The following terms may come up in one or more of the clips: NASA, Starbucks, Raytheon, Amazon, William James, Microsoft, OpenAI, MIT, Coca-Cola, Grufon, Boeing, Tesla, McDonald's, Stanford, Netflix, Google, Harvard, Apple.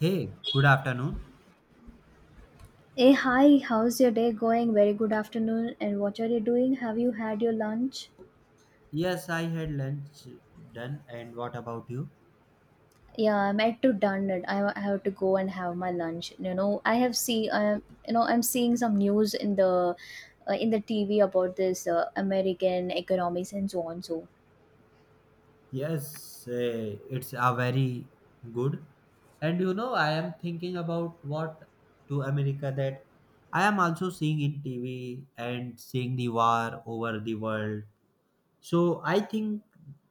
Hey, good afternoon. Hey, hi, how's your day going? Very good afternoon. And what are you doing? Have you had your lunch? Yes, I had lunch done, and what about you? Yeah, I'm at to done it. I have to go and have my lunch. You know, I have see. I I'm seeing some news in the TV about this American economics and so on. So Yes, it's a very good. And you know, I am thinking about what to America that I am also seeing in TV and seeing the war over the world. So I think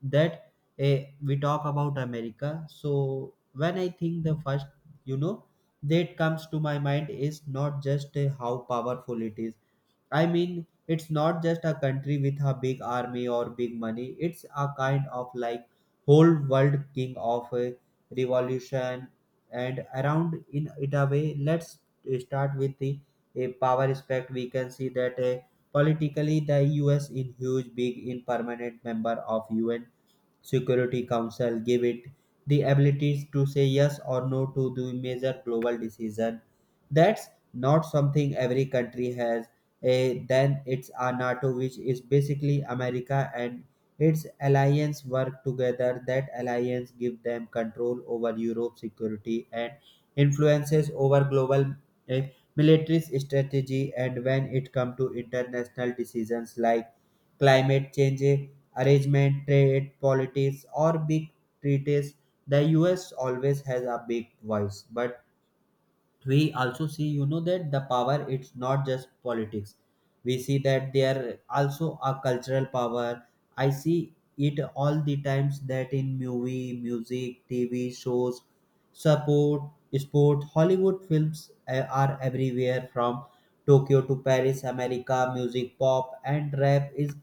that we talk about America. So when I think the first, you know, that comes to my mind is not just how powerful it is. I mean, it's not just a country with a big army or big money. It's a kind of like whole world king of a revolution and around in it a way. Let's start with the a power aspect. We can see that politically the U.S. in huge, big, in permanent member of UN Security Council give it the abilities to say yes or no to the major global decision. That's not something every country has. Eh, then it's a NATO, which is basically America and its alliance work together. That alliance give them control over Europe's security and influences over global eh, military strategy. And when it comes to international decisions like climate change, arrangement, trade, politics, or big treaties, the US always has a big voice. But we also see, you know, that the power it's not just politics. We see that there also a cultural power. I see it all the times that in movie, music, TV shows, support, sport, Hollywood films are everywhere from Tokyo to Paris. America music, pop and rap is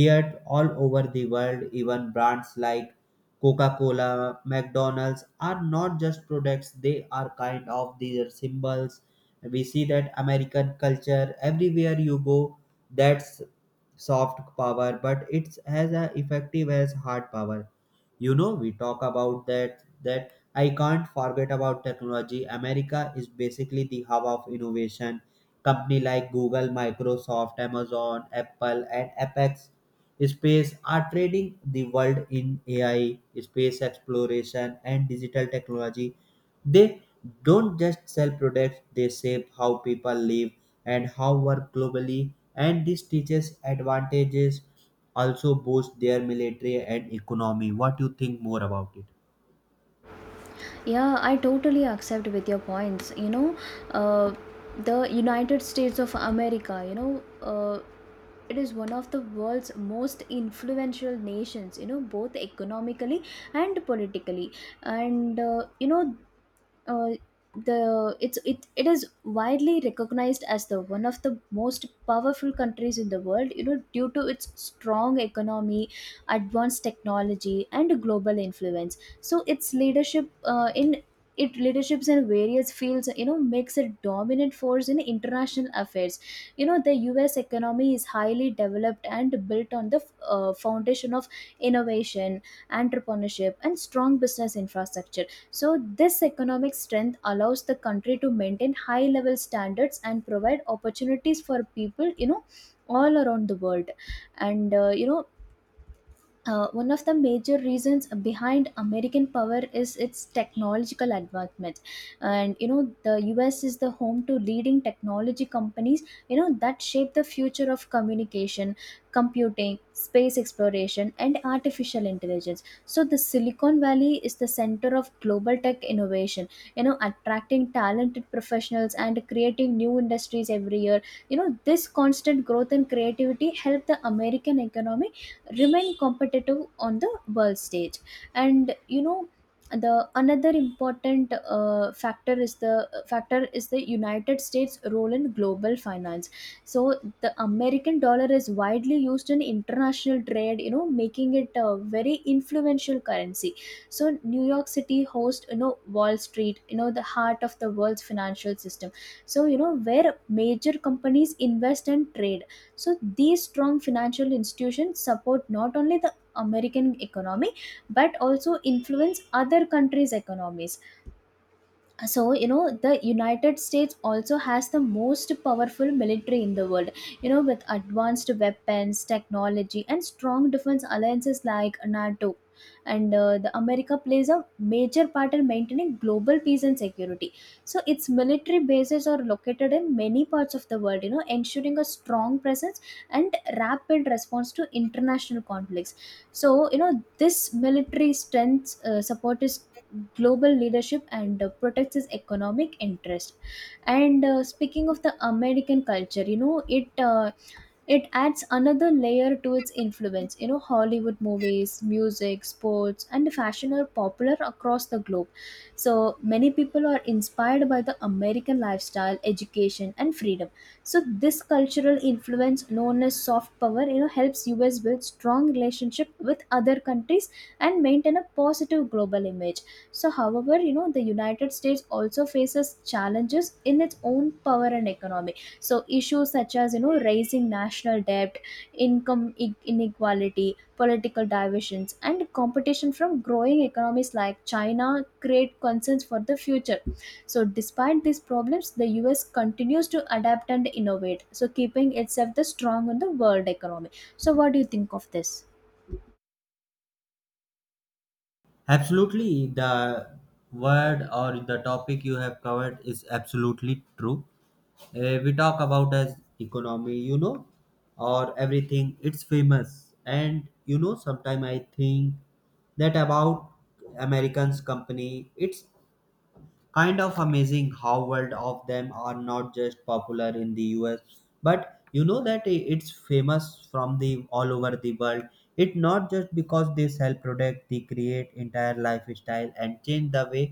heard all over the world. Even brands like Coca-Cola, McDonald's are not just products, they are kind of their symbols. We see that American culture everywhere you go, that's soft power, but it's as a effective as hard power. You know, we talk about that I can't forget about technology. America is basically the hub of innovation. Company like Google, Microsoft, Amazon, Apple, and Apex space are trading the world in AI, space exploration, and digital technology. They don't just sell products, they shape how people live and how work globally. And this teaches advantages also boost their military and economy. What do you think more about it? yeah, I totally accept with your points. Uh, the United States of America, you know, it is one of the world's most influential nations, you know, both economically and politically. And, you know, uh, the it's it, It is widely recognized as the one of the most powerful countries in the world, you know, due to its strong economy, advanced technology and global influence. So its leaderships in various fields, you know, makes it dominant force in international affairs. You know, the US economy is highly developed and built on the foundation of innovation, entrepreneurship and strong business infrastructure. So this economic strength allows the country to maintain high level standards and provide opportunities for people, you know, all around the world. And, uh, you know, One of the major reasons behind American power is its technological advancement, and you know the U.S. is the home to leading technology companies. You know, that shape the future of communication, computing, space exploration, and artificial intelligence. So the Silicon Valley is the center of global tech innovation. You know, attracting talented professionals and creating new industries every year. You know, this constant growth and creativity help the American economy remain competitive on the world stage. And you know, the another important factor is the United States role in global finance. So the American dollar is widely used in international trade, you know, making it a very influential currency. So New York City hosts, you know, Wall Street, you know, the heart of the world's financial system, so you know, where major companies invest and trade. So these strong financial institutions support not only the American economy but also influence other countries' economies. So you know, the United States also has the most powerful military in the world, you know, with advanced weapons technology and strong defense alliances like NATO. And the America plays a major part in maintaining global peace and security. So its military bases are located in many parts of the world, you know, ensuring a strong presence and rapid response to international conflicts. So you know, this military strength support is global leadership and protects its economic interest. And speaking of the American culture, you know, it adds another layer to its influence. You know, Hollywood movies, music, sports and fashion are popular across the globe. So many people are inspired by the American lifestyle, education and freedom. So this cultural influence, known as soft power, you know, helps us build strong relationship with other countries and maintain a positive global image. So however, you know, the United States also faces challenges in its own power and economy. So issues such as, you know, raising national debt, inequality, political divisions and competition from growing economies like China create concerns for the future. So despite these problems, the US continues to adapt and innovate, so keeping itself the strong in the world economy. So what do you think of this? Absolutely, the word or the topic you have covered is absolutely true. We talk about as economy, you know, or everything. It's famous, and you know, sometimes I think that about Americans company. It's kind of amazing how world of them are not just popular in the US, but you know that it's famous from the all over the world. It not just because they sell product, they create entire lifestyle and change the way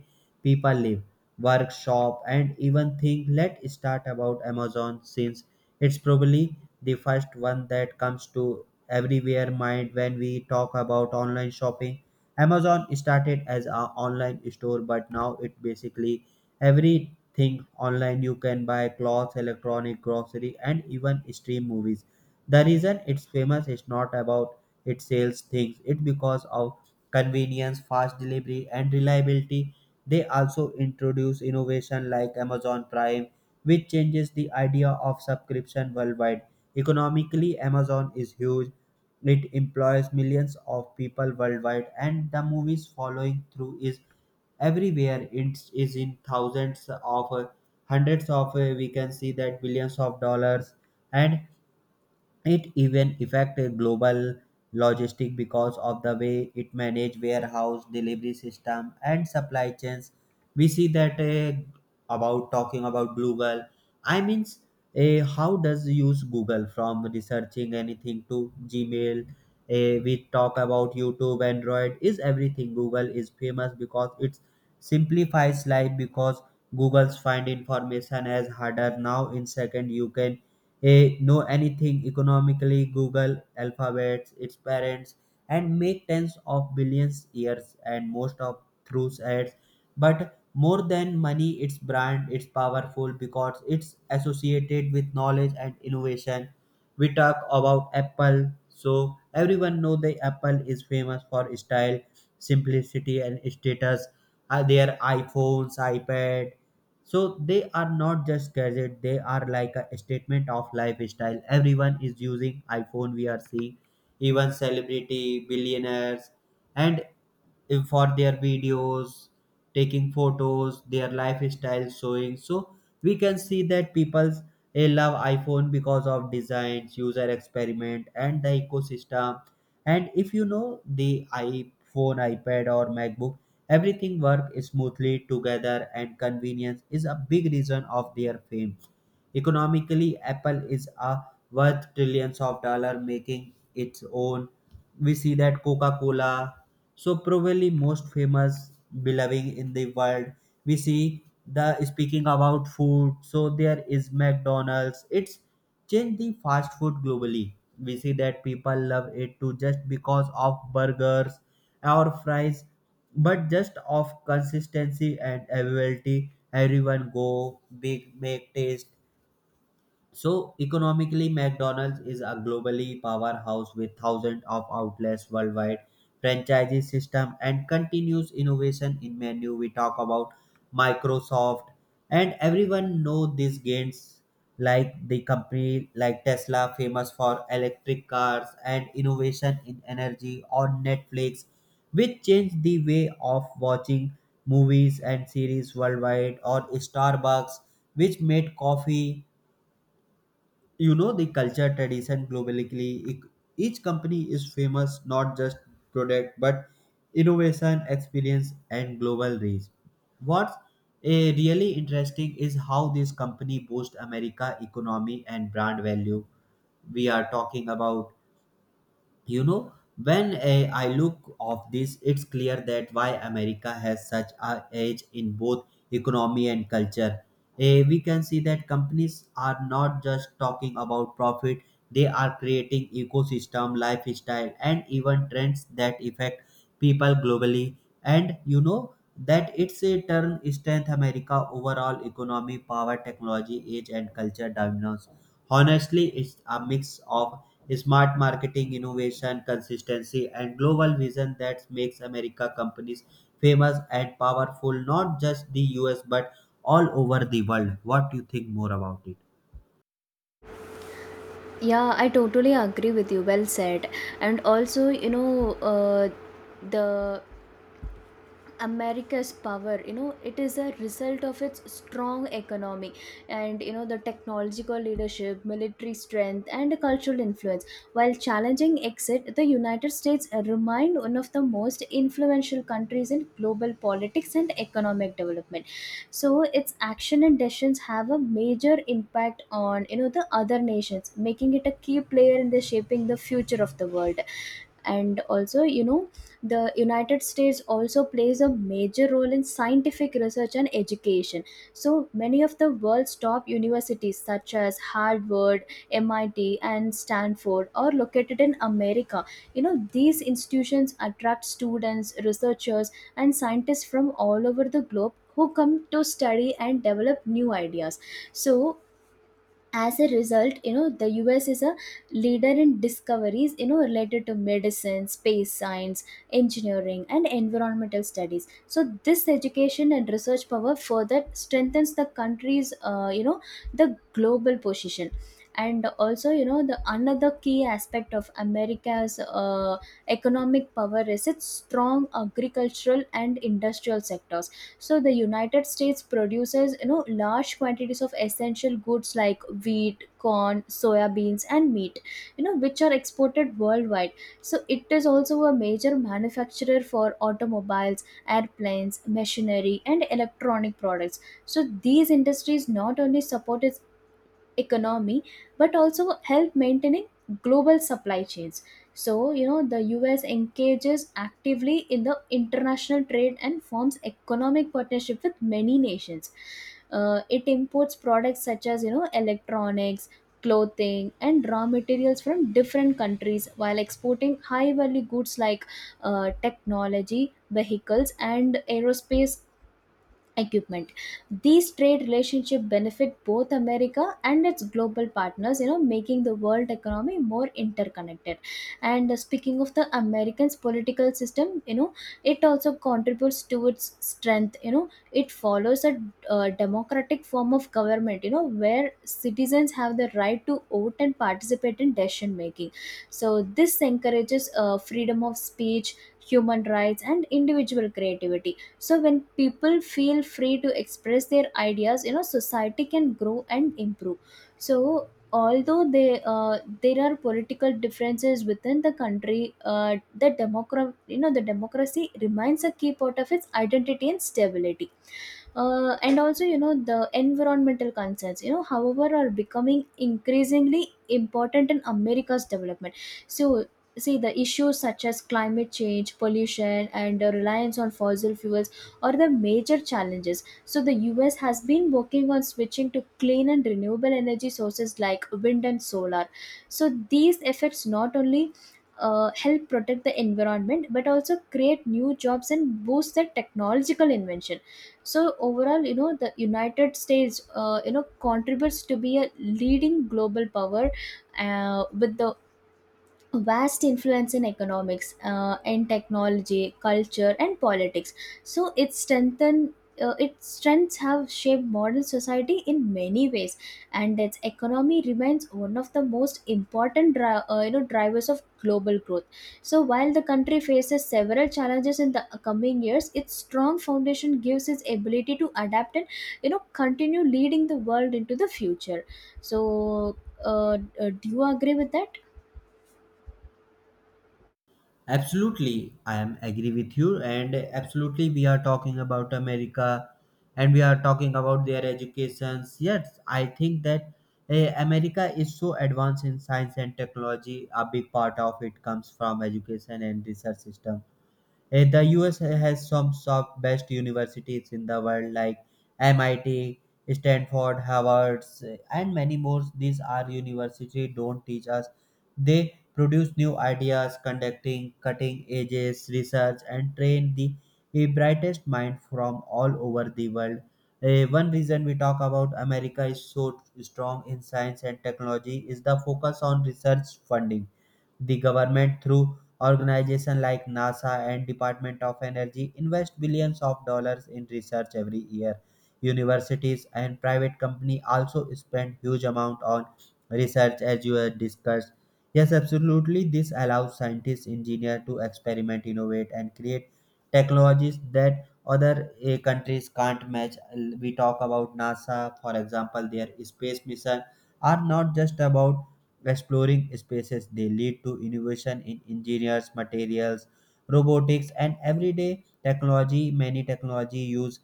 people live, work, shop, and even think. Let's start about Amazon, since it's probably the first one that comes to everywhere mind when we talk about online shopping. Amazon started as an online store, but now it basically everything online. You can buy clothes, electronic, grocery, and even stream movies. The reason it's famous is not about it sells things; it's because of convenience, fast delivery, and reliability. They also introduce innovation like Amazon Prime, which changes the idea of subscription worldwide. Economically, Amazon is huge. It employs millions of people worldwide, and the movies following through is everywhere. It is in thousands of hundreds of we can see that billions of dollars, and it even affected global logistic because of the way it manage warehouse, delivery system, and supply chains. We see that about talking about Google. I mean, how does use Google from researching anything to Gmail? We talk about YouTube, Android is everything. Google is famous because it simplifies life because Google's find information as harder now in second you can know anything. Economically, Google Alphabets, its parents, and make tens of billions years and most of through ads. But more than money, its brand, it's powerful because it's associated with knowledge and innovation. We talk about Apple, so everyone know the Apple is famous for style, simplicity, and status. Their iPhones, iPad, so they are not just gadget, they are like a statement of lifestyle. Everyone is using iPhone. We are seeing even celebrity billionaires and if for their videos, taking photos, their lifestyle showing. So we can see that people love iPhone because of designs, user experiment, and the ecosystem. And if you know, the iPhone, iPad, or MacBook, everything work smoothly together, and convenience is a big reason of their fame. Economically, Apple is a worth trillions of dollar, making its own. We see that Coca-Cola, so probably most famous beloved in the world. We see the speaking about food, so there is McDonald's. It's changed the fast food globally. We see that people love it too just because of burgers or fries, but just of consistency and availability. Everyone go big make taste. So economically, McDonald's is a globally powerhouse with thousands of outlets worldwide, franchisee system, and continuous innovation in menu. We talk about Microsoft, and everyone know these gains like the company like Tesla, famous for electric cars and innovation in energy, or Netflix, which changed the way of watching movies and series worldwide, or Starbucks, which made coffee, you know, the culture tradition globally. Each company is famous not just product but innovation, experience, and global reach. What's really interesting is how this company boosts America economy and brand value. We are talking about, you know, when I look of this, it's clear that why America has such a edge in both economy and culture. Eh, we can see that companies are not just talking about profit, they are creating ecosystem, lifestyle, and even trends that affect people globally. And you know that it's a turn strength America overall economy power, technology age, and culture dominance. Honestly, it's a mix of smart marketing, innovation, consistency, and global vision that makes America companies famous and powerful, not just the US but all over the world. What do you think more about it? Yeah, I totally agree with you. Well said. And also, you know, the America's power, you know, it is a result of its strong economy and you know the technological leadership, military strength and cultural influence. While challenging exit, the United States remained one of the most influential countries in global politics and economic development. So its action and decisions have a major impact on, you know, the other nations, making it a key player in the shaping the future of the world. And also, you know, the United States also plays a major role in scientific research and education. So many of the world's top universities such as Harvard, MIT and Stanford are located in America. You know, these institutions attract students, researchers and scientists from all over the globe who come to study and develop new ideas. So as a result, you know, the US is a leader in discoveries, you know, related to medicine, space science, engineering and environmental studies. So this education and research power further strengthens the country's, you know, the global position. And also, you know, the another key aspect of America's economic power is its strong agricultural and industrial sector. So the United States produces, you know, large quantities of essential goods like wheat, corn, soya beans and meat, you know, which are exported worldwide. So it is also a major manufacturer for automobiles, airplanes, machinery and electronic products. So these industries not only support its economy but also help maintaining global supply chains. So you know, the US engages actively in the international trade and forms economic partnership with many nations. It imports products such as, you know, electronics, clothing and raw materials from different countries, while exporting high value goods like technology, vehicles and aerospace equipment. These trade relationship benefit both America and its global partners, you know, making the world economy more interconnected. And speaking of the Americans political system, you know, it also contributes to its strength. You know, it follows a democratic form of government, you know, where citizens have the right to vote and participate in decision making. So this encourages freedom of speech, human rights and individual creativity. So when people feel free to express their ideas, you know, society can grow and improve. So there are political differences within the country. You know, the democracy remains a key part of its identity and stability. And also, you know, the environmental concerns, you know, however, are becoming increasingly important in America's development. So see, the issues such as climate change, pollution and the reliance on fossil fuels are the major challenges. So the US has been working on switching to clean and renewable energy sources like wind and solar. So these efforts not only help protect the environment but also create new jobs and boost the technological invention. So overall, you know, the United States, you know, contributes to be a leading global power, with the vast influence in economics, and technology, culture and politics. So it strengthen its strengths have shaped modern society in many ways. And its economy remains one of the most important you know, drivers of global growth. So while the country faces several challenges in the coming years, its strong foundation gives its ability to adapt and, you know, continue leading the world into the future. So do you agree with that? Absolutely, I am agree with you, and absolutely we are talking about America, and we are talking about their educations. Yes, I think that America is so advanced in science and technology. A big part of it comes from education and research system. Eh, the US has some of best universities in the world like MIT, Stanford, Harvard, and many more. These are university don't teach us. They produce new ideas, conducting cutting edges research, and train the brightest mind from all over the world. Eh, one reason we talk about America is so strong in science and technology is the focus on research funding. The government, through organizations like NASA and Department of Energy, invest billions of dollars in research every year. Universities and private company also spend huge amount on research, as you had discussed. Yes, absolutely. This allows scientists, engineers to experiment, innovate, and create technologies that other countries can't match. We talk about NASA, for example, their space mission are not just about exploring spaces. They lead to innovation in engineers, materials, robotics, and everyday technology. Many technology use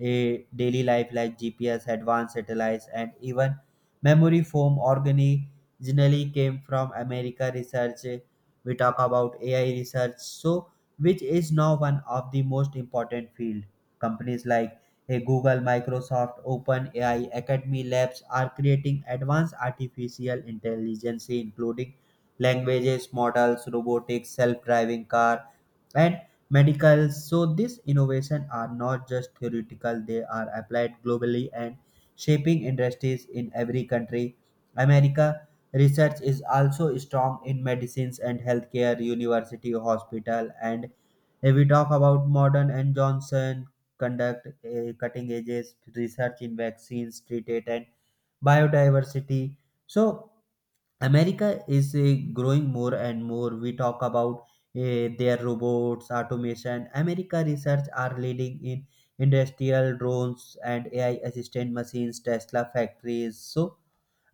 a daily life like GPS, advanced satellites, and even memory foam originally came from America research. We talk about AI research, so which is now one of the most important field. Companies like a Google, Microsoft, OpenAI, Academy Labs are creating advanced artificial intelligence, including languages, models, robotics, self-driving car, and medical. So these innovations are not just theoretical; they are applied globally and shaping industries in every country. America research is also strong in medicines and healthcare, university, hospital, and if we talk about modern and Johnson conduct cutting edges research in vaccines treated and biodiversity. So America is growing more and more. We talk about their robots, automation, America research are leading in industrial drones and AI assistant machines, Tesla factories. So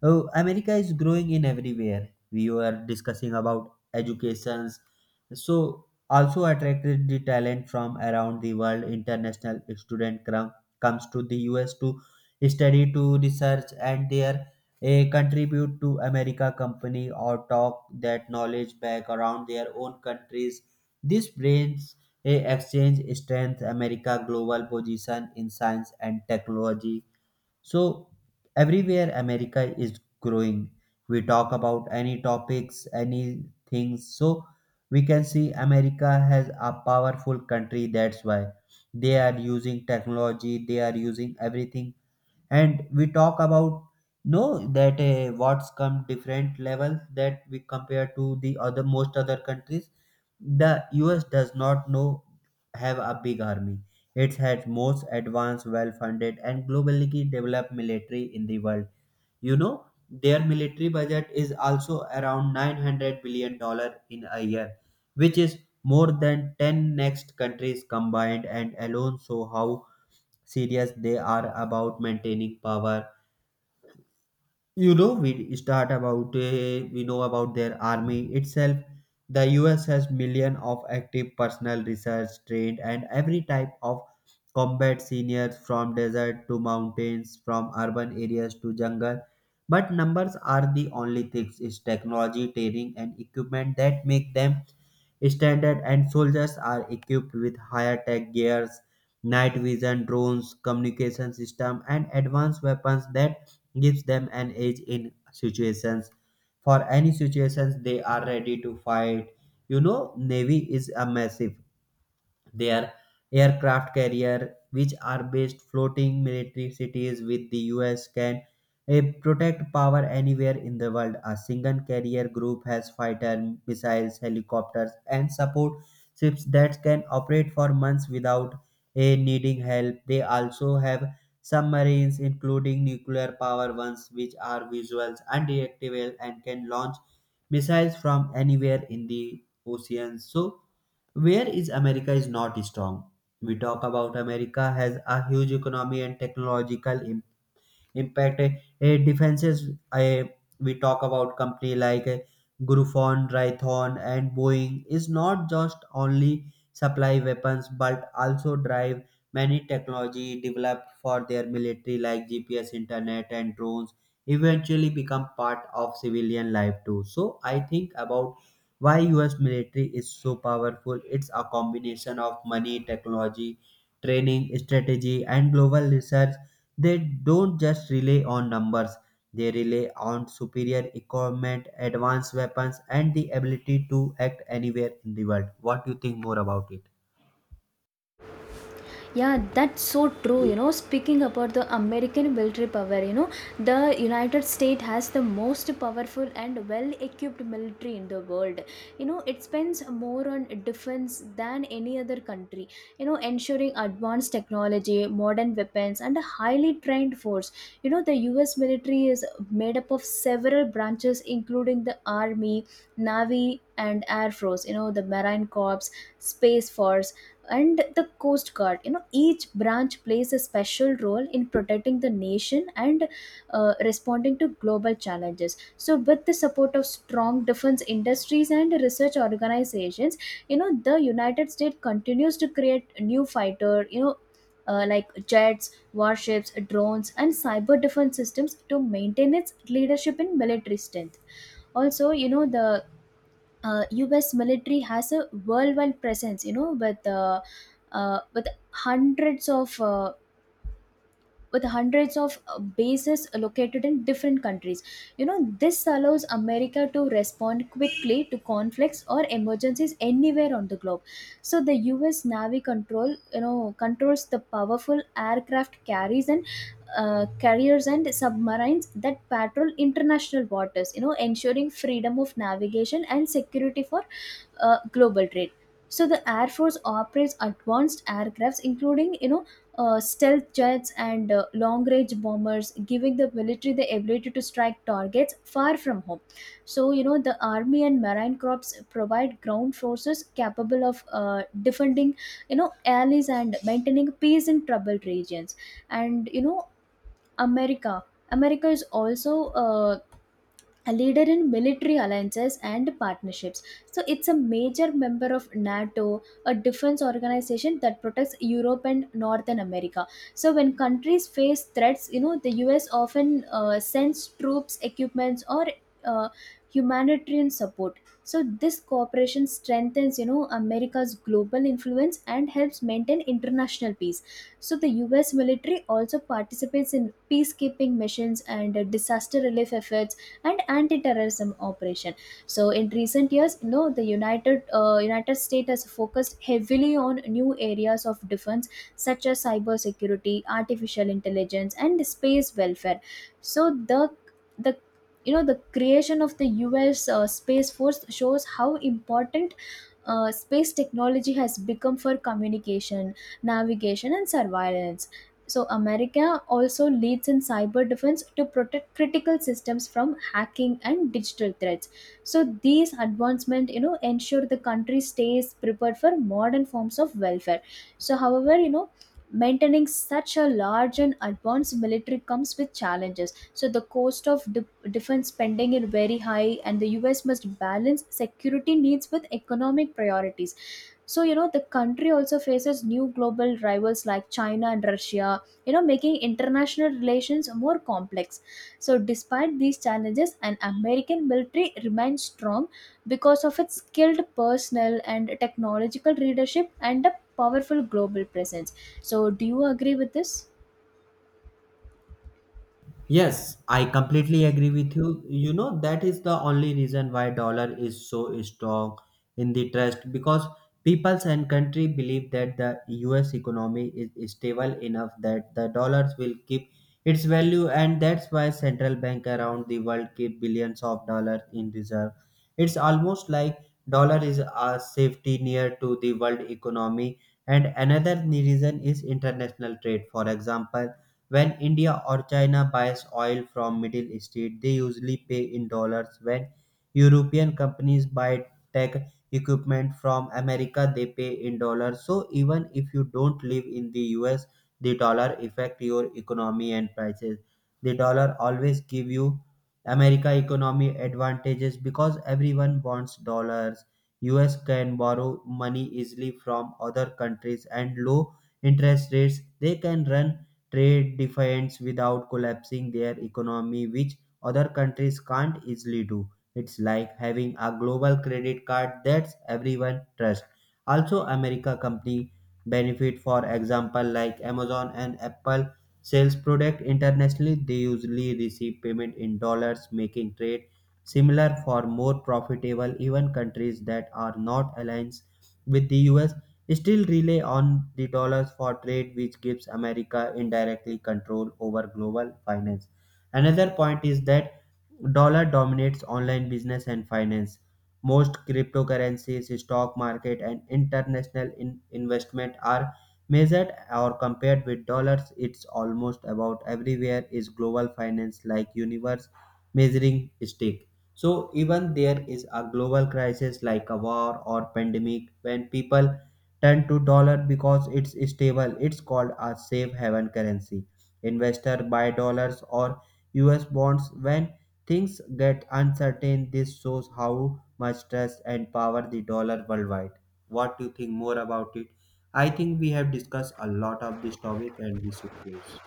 oh, America is growing in everywhere. We were discussing about educations, so also attracted the talent from around the world. International student comes to the U.S. to study, to research, and there a contribute to America company or talk that knowledge back around their own countries. This brings a exchange strength America global position in science and technology. So everywhere America is growing. We talk about any topics, any things. So we can see America has a powerful country. That's why they are using technology. They are using everything, and we talk about no that what's come different levels that we compare to the other most other countries. The us does not know have a big army. It has most advanced, well funded and globally developed military in the world. You know, their military budget is also around 900 billion dollars in a year, which is more than 10 next countries combined and alone. So how serious they are about maintaining power. You know, we start about we know about their army itself. The us has million of active personnel, research trained and every type of combat seniors, from desert to mountains, from urban areas to jungle. But numbers are the only things. It's technology, training and equipment that make them standard. And soldiers are equipped with higher tech gears, night vision, drones, communication system, and advanced weapons that gives them an edge in situations. For any situations, they are ready to fight. You know, Navy is a massive their aircraft carrier, which are based floating military cities, with the US can protect power anywhere in the world. A single carrier group has fighter missiles, helicopters and support ships that can operate for months without needing help. They also have submarines, including nuclear power ones, which are visuals and reactable and can launch missiles from anywhere in the ocean. So where is america is not strong. We talk about america has a huge economy and technological impact. Defenses, we talk about company like Grufon, Raytheon and Boeing is not just only supply weapons, but also drive many technology developed for their military like GPS, internet and drones eventually become part of civilian life too. So I think about why US military is so powerful, it's a combination of money, technology, training, strategy and global research. They don't just rely on numbers, they rely on superior equipment, advanced weapons, and the ability to act anywhere in the world. What do you think more about it? Yeah, that's so true. You know, speaking about the American military power, you know, the United States has the most powerful and well equipped military in the world. You know, it spends more on defense than any other country, you know, ensuring advanced technology, modern weapons, and a highly trained force. You know, the US military is made up of several branches, including the Army, Navy, and Air Force, you know, the Marine Corps, Space Force and the Coast Guard. You know, each branch plays a special role in protecting the nation and responding to global challenges. So with the support of strong defense industries and research organizations, you know, the United States continues to create new fighter, you know, like jets, warships, drones and cyber defense systems to maintain its leadership in military strength. Also, you know, the U.S. military has a worldwide presence, you know, uh, with hundreds of uh, with hundreds of bases located in different countries. You know, this allows America to respond quickly to conflicts or emergencies anywhere on the globe. So the you know, controls the powerful aircraft carriers and carriers and submarines that patrol international waters. You know, ensuring freedom of navigation and security for global trade. So the Air Force operates advanced aircrafts, including, you know, stealth jets and long range bombers, giving the military the ability to strike targets far from home. So, you know, the Army and Marine Corps provide ground forces capable of defending, you know, allies and maintaining peace in troubled regions. And, you know, America. America is also a leader in military alliances and partnerships. So it's a major member of NATO, a defense organization that protects Europe and Northern America. So when countries face threats, you know, the US often sends troops, equipments, or uh, humanitarian support. So this cooperation strengthens, you know, America's global influence and helps maintain international peace. So the US military also participates in peacekeeping missions and disaster relief efforts and anti-terrorism operation. So in recent years, you know, the united United States has focused heavily on new areas of defense such as cyber security, artificial intelligence and space welfare. So the you know, the creation of the US space force shows how important space technology has become for communication, navigation and surveillance. So America also leads in cyber defense to protect critical systems from hacking and digital threats. So these advancements, you know, ensure the country stays prepared for modern forms of welfare. So however, you know, maintaining such a large and advanced military comes with challenges. So the defense spending is very high and the US must balance security needs with economic priorities. So, you know, the country also faces new global rivals like China and Russia, you know, making international relations more complex. So, despite these challenges, an American military remains strong because of its skilled personnel and technological leadership and a powerful global presence. So, do you agree with this? Yes, I completely agree with you. You know, that is the only reason why dollar is so strong in the trust, because peoples and country believe that the US economy is stable enough that the dollars will keep its value, and that's why central bank around the world keep billions of dollars in reserve. It's almost like dollar is a safety near to the world economy. And another reason is international trade. For example, when India or China buys oil from Middle East, they usually pay in dollars. When European companies buy tech equipment from America, they pay in dollars. So even if you don't live in the US, the dollar affect your economy and prices. The dollar always give you America economy advantages because everyone wants dollars. US can borrow money easily from other countries, and low interest rates, they can run trade defiance without collapsing their economy, which other countries can't easily do. It's like having a global credit card that everyone trusts. Also, America company benefit, for example, like Amazon and Apple sells product internationally, they usually receive payment in dollars, making trade similar for more profitable. Even countries that are not aligned with the US still rely on the dollars for trade, which gives America indirectly control over global finance. Another point is that dollar dominates online business and finance. Most cryptocurrencies, stock market, and international investment are measured or compared with dollars. It's almost about everywhere is global finance like universe measuring stick. So even there is a global crisis like a war or pandemic, when people turn to dollar because it's stable. It's called a safe haven currency. Investor buy dollars or US bonds when things get uncertain. This shows how much trust and power the dollar worldwide. What do you think more about it? I think we have discussed a lot of this topic and we should close.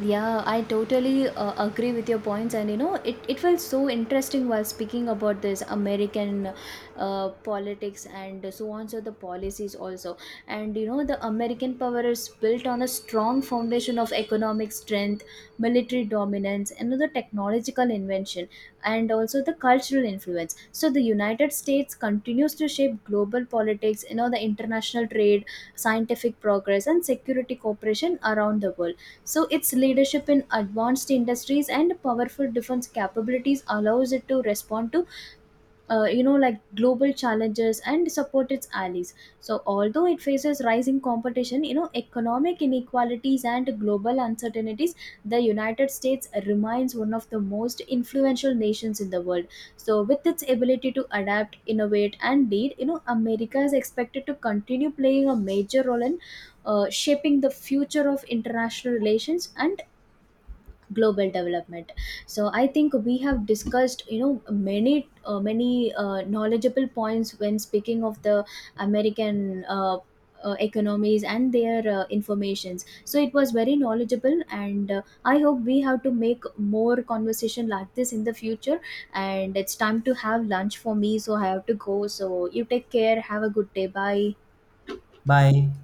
Yeah, I totally agree with your points, and you know, it felt so interesting while speaking about this American politics and so on, so the policies also. And you know, the American power is built on a strong foundation of economic strength, military dominance, and the technological invention, and also the cultural influence. So, the United States continues to shape global politics, you know, the international trade, scientific progress, and security cooperation around the world. So its leadership in advanced industries and powerful defense capabilities allows it to respond to, you know, like global challenges and support its allies. So although it faces rising competition, you know, economic inequalities and global uncertainties, the United States remains one of the most influential nations in the world. So with its ability to adapt, innovate and lead, you know, America is expected to continue playing a major role in, shaping the future of international relations and global development. So I think we have discussed, you know, many knowledgeable points when speaking of the American, economies and their informations. So it was very knowledgeable and, I hope we have to make more conversation like this in the future. And it's time to have lunch for me, so I have to go. So you take care, have a good day, bye. Bye.